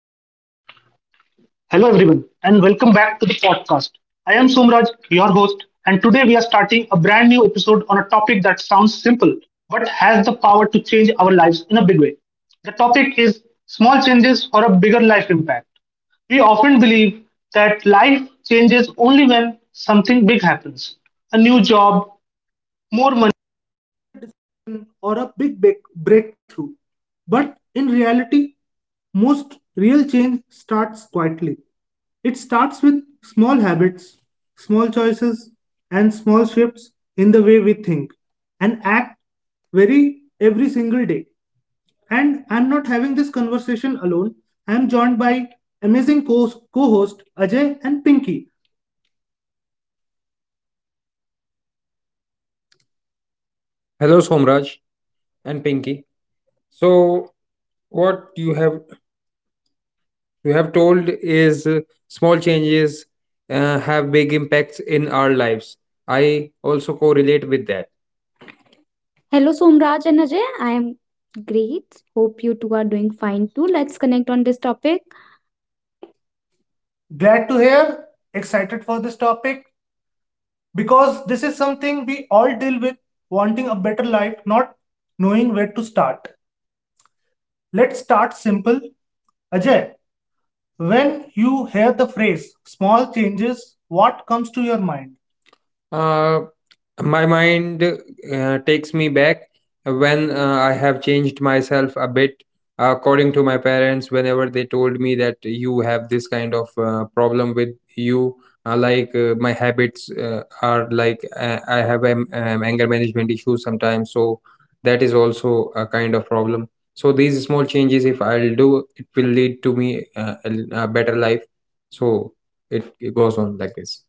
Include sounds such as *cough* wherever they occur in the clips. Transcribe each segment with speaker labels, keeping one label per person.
Speaker 1: and welcome back to the podcast. I am Somraj, your host, and today we are starting a brand new episode on a topic that sounds simple but has the power to change our lives in a big way. The topic is small changes for a bigger life impact. We often believe that life changes only when something big happens, a new job, more money or a breakthrough. But in reality, most real change starts quietly. It starts with small habits, small choices, and small shifts in the way we think and act very every single day. And I'm not having this conversation alone. I'm joined by amazing co host Ajay and Pinky. Hello, Somraj and Pinky. So, what you have told is small changes have big impacts in our lives. I also correlate with that. Hello, Somraj and Ajay. I am great. Hope you two are doing fine too. Let's connect on this topic. Glad to hear, excited for this topic because this is something we all deal with, wanting a better life, not knowing where to start. Let's start simple. Ajay, when you hear the phrase small changes, what comes to your mind? Uh, my mind takes me back when I have changed myself a bit according to my parents whenever they told me that you have this kind of problem with you, like my habits are like I have anger management issues sometimes, so that is also a kind of problem. So these small changes, if I'll do it, will lead to me a better life. So it goes on like this.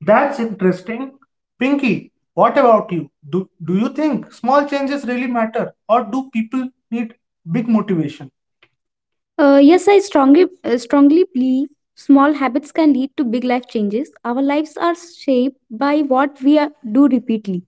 Speaker 1: That's interesting. Pinky, what about you? do you think small changes really matter, or do people need big motivation? Yes, I strongly believe small habits can lead to big life changes. Our lives are shaped by what we do repeatedly.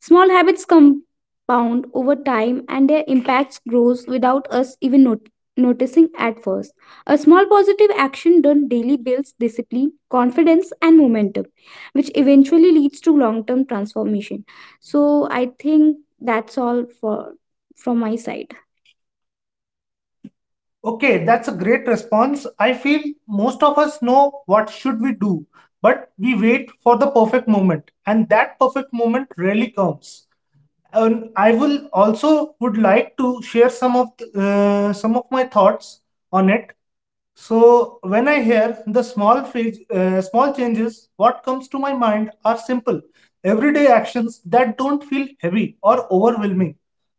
Speaker 1: Small habits compound over time and their impact grows without us even noticing at first. A small positive action done daily builds discipline, confidence, and momentum, which eventually leads to long term transformation. So, I think that's all for from my side. Okay, that's a great response. I feel most of us know what should we do, but we wait for the perfect moment, and that perfect moment rarely comes. And I will also would like to share some of some of my thoughts on it. So when I hear the small phase, small changes, what comes to my mind are simple, everyday actions that don't feel heavy or overwhelming,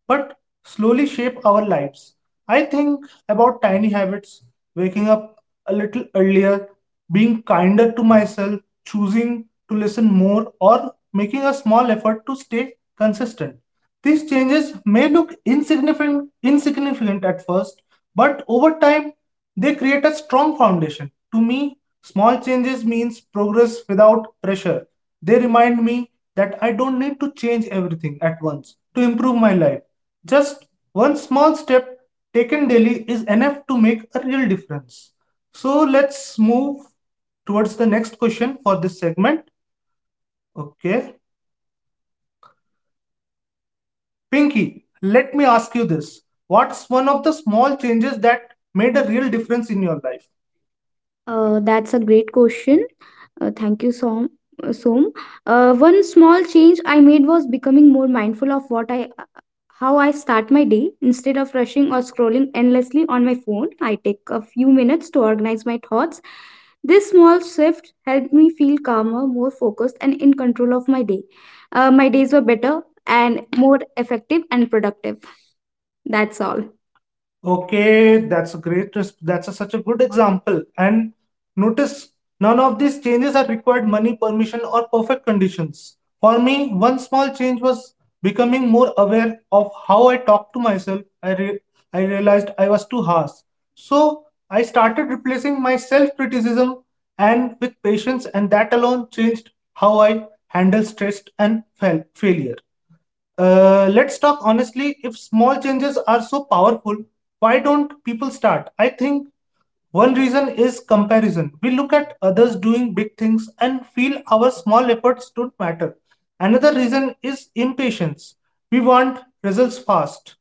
Speaker 1: but slowly shape our lives. I think about tiny habits, waking up a little earlier, being kinder to myself, choosing to listen more, or making a small effort to stay consistent. These changes may look insignificant at first, but over time they create a strong foundation. To me, small changes means progress without pressure. They remind me that I don't need to change everything at once to improve my life. Just one small step taken daily is enough to make a real difference. So let's move towards the next question for this segment. Okay. Pinky, let me ask you this. What's one of the small changes that made a real difference in your life? That's a great question. Thank you so. One small change I made was becoming more mindful of what I how I start my day. Instead of rushing or scrolling endlessly on my phone, I take a few minutes to organize my thoughts. This small shift helped me feel calmer, more focused, and in control of my day. My days were better and more effective and productive. That's all. Okay, that's a that's a such a good example. And notice none of these changes are required money, permission, or perfect conditions. For me, one small change was becoming more aware of how I talk to myself. I realized I was too harsh. So I started replacing my self criticism and with patience, and that alone changed how I handle stress and failure. Let's talk honestly. If small changes are so powerful, why don't people start? I think one reason is comparison. We look at others doing big things and feel our small efforts don't matter. Another reason is impatience. We want results fast.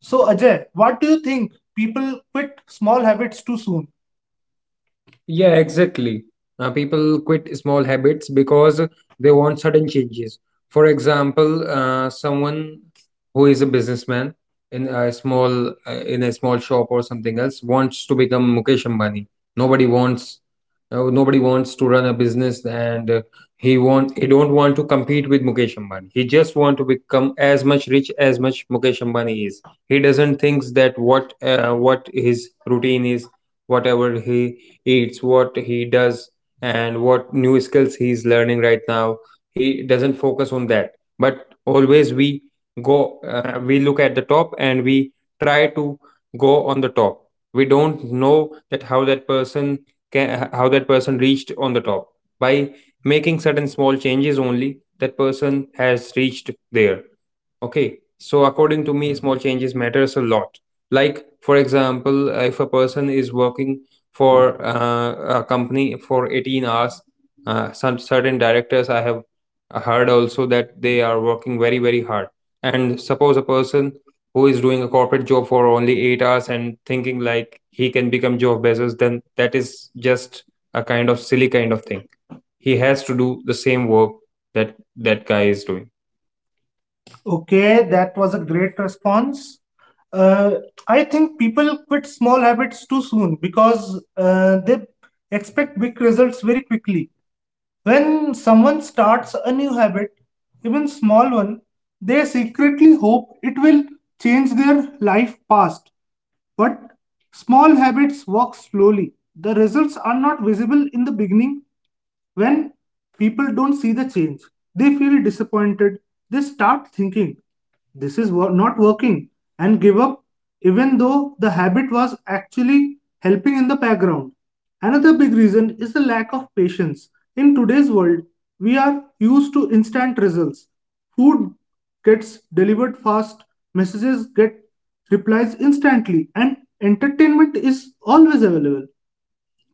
Speaker 1: So, Ajay, what do you think? People quit small habits too soon. Yeah, exactly. People quit small habits because they want sudden changes. For example, someone who is a businessman in a small shop or something else wants to become Mukesh Ambani. Nobody wants nobody wants to run a business, and he want he don't want to compete with Mukesh Ambani. He just want to become as much rich as much Mukesh Ambani is. He doesn't thinks that what his routine is, whatever he eats, what he does, and what new skills he's learning right now. He doesn't focus on that. But always we look at the top and we try to go on the top. We don't know that how that person can, how that person reached on the top by making certain small changes. Only that person has reached there. Okay, so according to me, small changes matters a lot. Like, for example, if a person is working for a company for 18 hours, some certain directors I have heard also that they are working very, very hard. And suppose a person who is doing a corporate job for only 8 hours and thinking like he can become Joe Bezos, then that is just a kind of silly kind of thing. He has to do the same work that guy is doing. Okay, that was a great response. Uh, I think people quit small habits too soon because they expect big results very quickly. When someone starts a new habit, even small one, they secretly hope it will change their life past. But small habits work slowly. The results are not visible in the beginning when people don't see the change. They feel disappointed. They start thinking, this is not working, and give up, even though the habit was actually helping in the background. Another big reason is the lack of patience. In today's world, we are used to instant results. Food gets delivered fast, messages get replies instantly, and entertainment is always available.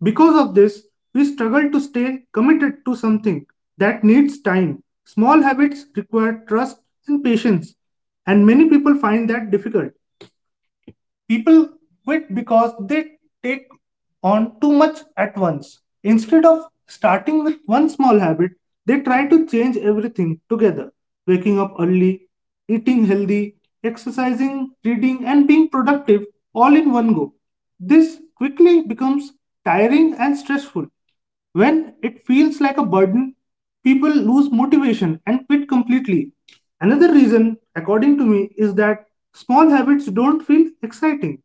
Speaker 1: Because of this, we struggle to stay committed to something that needs time. Small habits require trust and patience, and many people find that difficult. People quit because they take on too much at once. Instead of starting with one small habit, they try to change everything together, waking up early, eating healthy, exercising, reading, and being productive all in one go. This quickly becomes tiring and stressful. When it feels like a burden, people lose motivation and quit completely. Another reason, according to me, is that small habits don't feel exciting.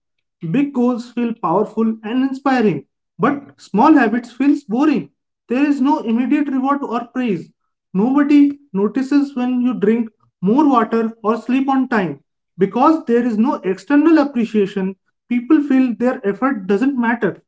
Speaker 1: Big goals feel powerful and inspiring, but small habits feels boring. There is no immediate reward or praise. Nobody notices when you drink more water or sleep on time. Because there is no external appreciation, people feel their effort doesn't matter.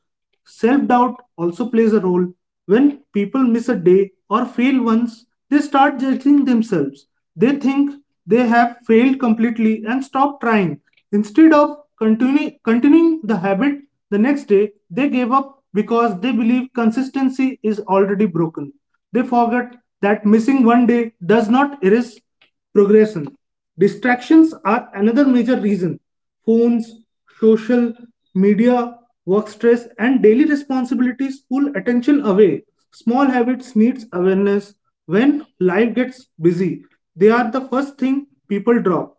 Speaker 1: Self doubt also plays a role. When people miss a day or fail once, they start judging themselves. They think they have failed completely and stop trying. Instead of continuing the habit the next day, they gave up because they believe consistency is already broken. They forget that missing one day does not erase progression. Distractions are another major reason. Phones, social media, work stress, and daily responsibilities pull attention away. Small habits needs awareness. When life gets busy, they are the first thing people drop.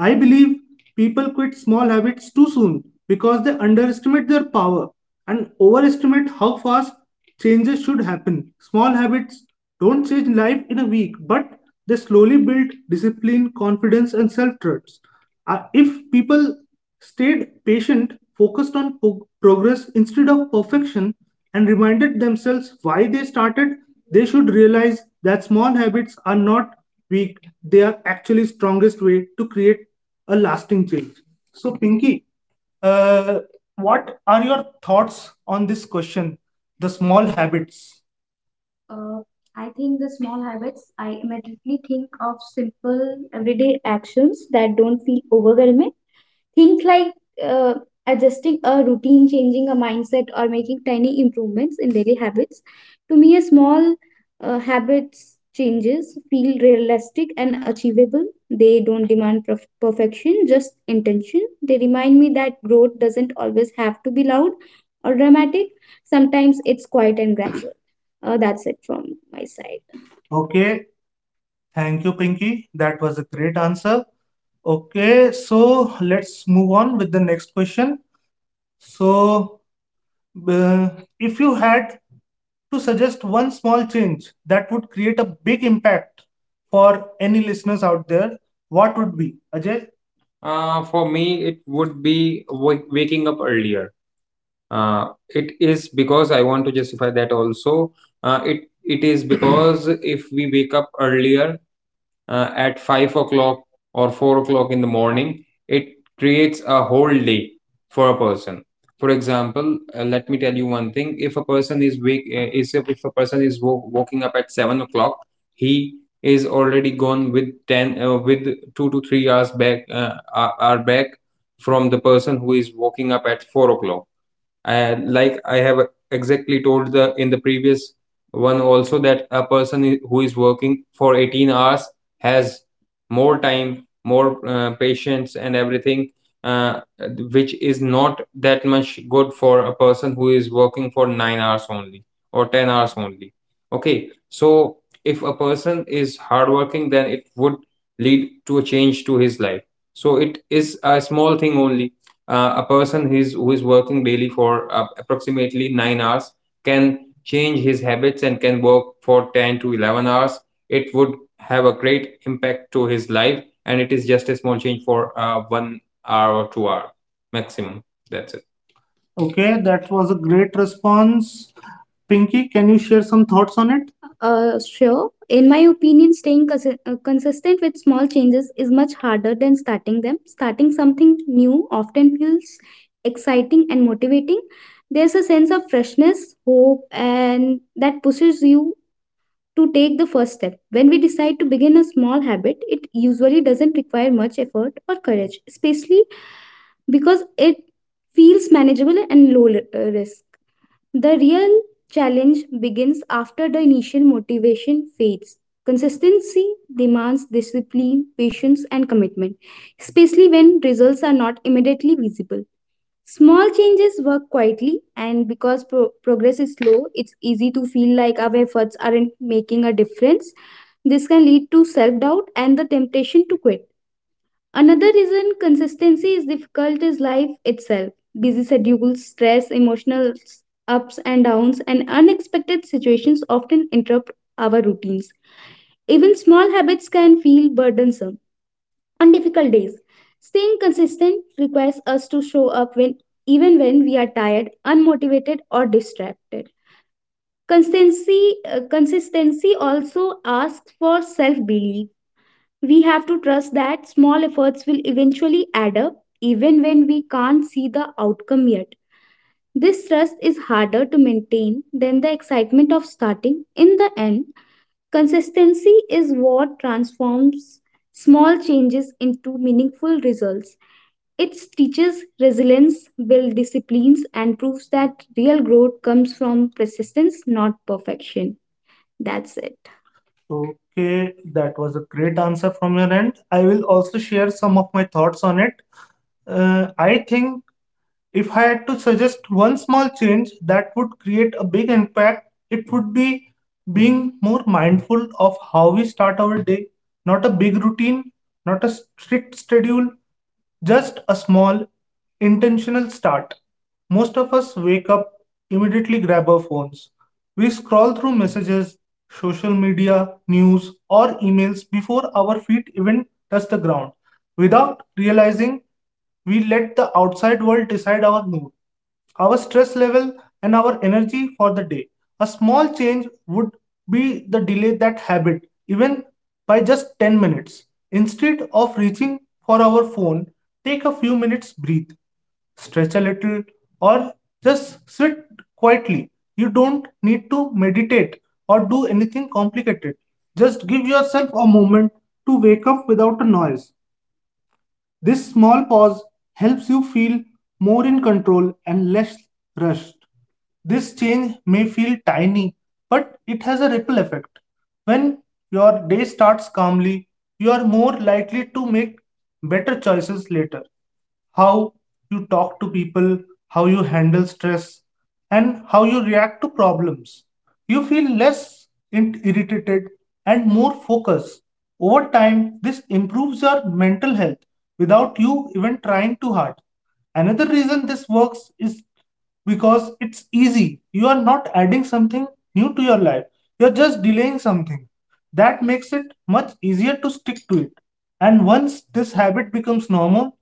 Speaker 1: I believe people quit small habits too soon because they underestimate their power and overestimate how fast changes should happen. Small habits don't change life in a week, but they slowly build discipline, confidence, and self trust. If people stayed patient, focused on progress instead of perfection, and reminded themselves why they started, they should realize that small habits are not weak, they are actually strongest way to create a lasting change. So Pinky, uh, what are your thoughts on this question, the small habits? Uh, I think the small habits, I immediately think of simple everyday actions that don't feel overwhelming. Think like uh, adjusting a routine, changing a mindset, or making tiny improvements in daily habits. To me, a small habits changes feel realistic and achievable. They don't demand perfection, just intention. They remind me that growth doesn't always have to be loud or dramatic. Sometimes it's quiet and gradual. That's it from my side. Okay, Thank you, Pinky. That was a great answer. Okay, so let's move on with the next question. So, uh, if you had to suggest one small change that would create a big impact for any listeners out there, what would be, Ajay? For me, it would be waking up earlier. It is because I want to justify that also. It is because *clears throat* if we wake up earlier, at 5 o'clock or 4 o'clock in the morning, it creates a whole day for a person. For example, let me tell you one thing: if a person is wake, is if a person is waking up at 7 o'clock, he is already gone with 2 to 3 hours back, are hour back from the person who is waking up at 4 o'clock. And like I have exactly told the in the previous one also, that a person who is working for 18 hours has more time, more patience, and everything, uh, which is not that much good for a person who is working for 9 hours only or 10 hours only. Okay, so if a person is hardworking, then it would lead to a change to his life. So it is a small thing only. A person who is working daily for approximately 9 hours can change his habits and can work for 10 to 11 hours. It would have a great impact to his life, and it is just a small change for 1 hour or 2 hour maximum. That's it. Okay, that was a great response. Pinky, can you share some thoughts on it? Sure. In my opinion, staying consistent with small changes is much harder than starting them. Starting something new often feels exciting and motivating. There's a sense of freshness, hope, and that pushes you to take the first step. When we decide to begin a small habit, it usually doesn't require much effort or courage, especially because it feels manageable and low risk. The real challenge begins after the initial motivation fades. Consistency demands discipline, patience, and commitment, especially when results are not immediately visible. Small changes work quietly, and because progress is slow, it's easy to feel like our efforts aren't making a difference. This can lead to self doubt and the temptation to quit. Another reason consistency is difficult is life itself. Busy schedules, stress, emotional ups and downs, and unexpected situations often interrupt our routines. Even small habits can feel burdensome on difficult days. Staying consistent requires us to show up when even when we are tired, unmotivated, or distracted. Consistency also asks for self belief. We have to trust that small efforts will eventually add up, even when we can't see the outcome yet. This trust is harder to maintain than the excitement of starting. In the end, consistency is what transforms small changes into meaningful results. It teaches resilience, builds disciplines, and proves that real growth comes from persistence, not perfection. That's it. Okay, that was a great answer from your end. I will also share some of my thoughts on it. I think if I had to suggest one small change that would create a big impact, it would be being more mindful of how we start our day. Not a big routine, not a strict schedule, just a small, intentional start. Most of us wake up, immediately grab our phones. We scroll through messages, social media, news, or emails before our feet even touch the ground. Without realizing, we let the outside world decide our mood, our stress level, and our energy for the day. A small change would be the delay that habit, even by just 10 minutes. Instead of reaching for our phone, take a few minutes, breathe, stretch a little, or just sit quietly. You don't need to meditate or do anything complicated. Just give yourself a moment to wake up without a noise. This small pause helps you feel more in control and less rushed. This change may feel tiny, but it has a ripple effect. When your day starts calmly, you are more likely to make better choices later: how you talk to people, how you handle stress, and how you react to problems. You feel less irritated and more focused. Over time, this improves your mental health without you even trying too hard. Another reason this works is because it's easy. You are not adding something new to your life, you're just delaying something. That makes it much easier to stick to it. And once this habit becomes normal,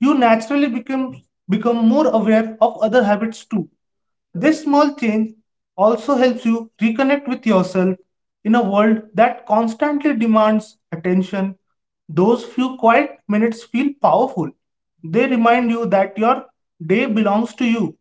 Speaker 1: you naturally become more aware of other habits too. This small change also helps you reconnect with yourself in a world that constantly demands attention. Those few quiet minutes feel powerful. They remind you that your day belongs to you.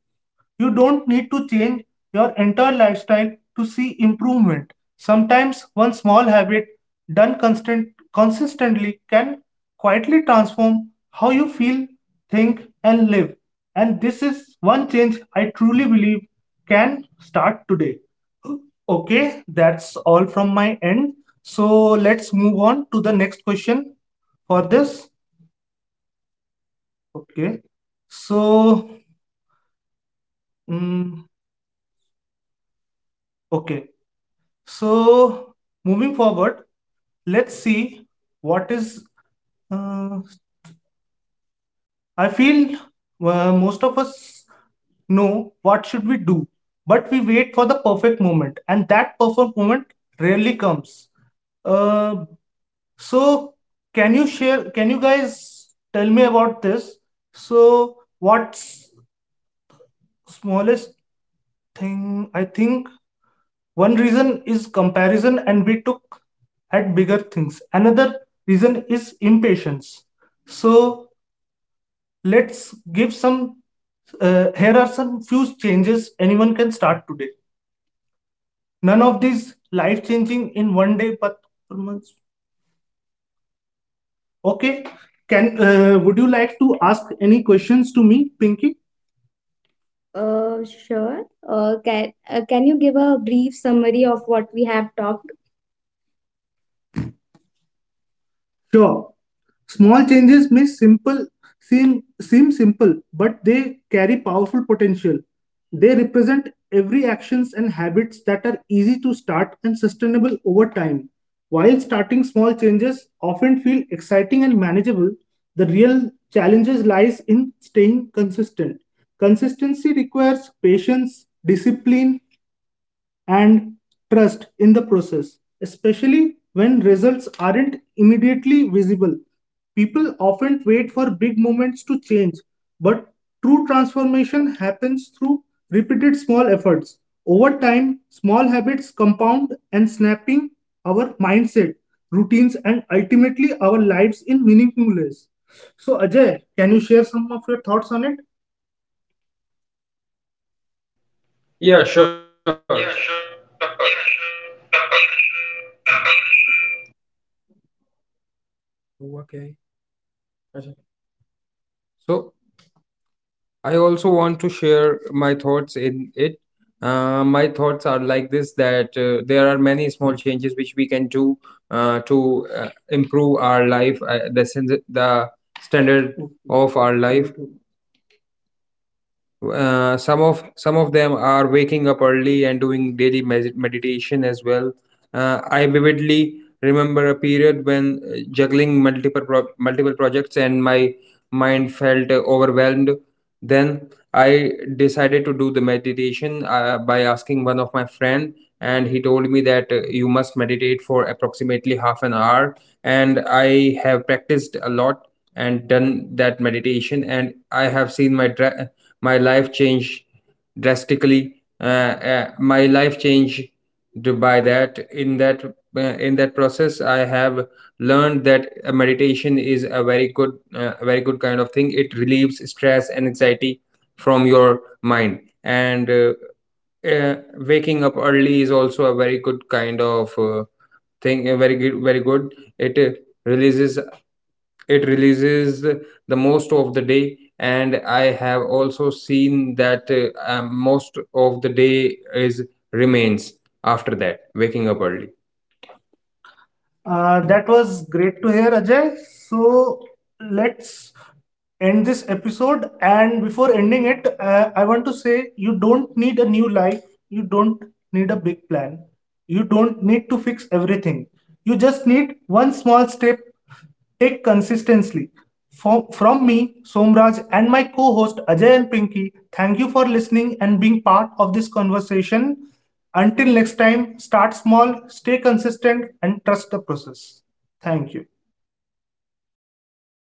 Speaker 1: You don't need to change your entire lifestyle to see improvement. Sometimes one small habit done consistently can quietly transform how you feel, think, and live. And this is one change I truly believe can start today. *gasps* Okay, that's all from my end. So let's move on to the next question for this. Okay, so mm, okay. So, moving forward, let's see what is. Uh, I feel most of us know what should we do, but we wait for the perfect moment, and that perfect moment rarely comes. Uh, so, can you share? Can you guys tell me about this? So, what's smallest thing? I think one reason is comparison, and we took at bigger things. Another reason is impatience. So let's give some. Here are some few changes anyone can start today. None of these life changing in one day, but per month. Okay. Can would you like to ask any questions to me, Pinky? Sure. Can you give a brief summary of what we have talked? Sure, small changes may simple seem simple, but they carry powerful potential. They represent every actions and habits that are easy to start and sustainable over time. While starting small changes often feel exciting and manageable, the real challenges lies in staying consistent. Consistency requires patience, discipline, and trust in the process, especially when results aren't immediately visible. People often wait for big moments to change, but true transformation happens through repeated small efforts. Over time, small habits compound and snapping our mindset, routines, and ultimately our lives in meaningful ways. So, Ajay, can you share some of your thoughts on it? Yeah, sure.
Speaker 2: Yeah, sure.
Speaker 1: Okay. So, I also want to share my thoughts in it. My thoughts are like this, that there are many small changes which we can do to improve our life, the standard of our life. Some of them are waking up early and doing daily meditation as well. I vividly remember a period when juggling multiple multiple projects, and my mind felt overwhelmed. Then I decided to do the meditation by asking one of my friend, and he told me that you must meditate for approximately half an hour. And I have practiced a lot and done that meditation, and I have seen my. My life changed drastically uh, my life changed d- By that, uh, in that process I have learned that meditation is a very good kind of thing. It relieves stress and anxiety from your mind, and uh, waking up early is also a very good kind of thing very good very good releases it releases the most of the day, and I have also seen that most of the day is remains after that waking up early. That was great to hear, Ajay. So let's end this episode. And before ending it, I want to say you don't need a new life, you don't need a big plan. You don't need to fix everything. You just need one small step take consistently. From me, Somraj, and my co host Ajay and Pinky, thank you for listening and being part of this conversation. Until next time, start small, stay consistent, and trust the process. Thank you.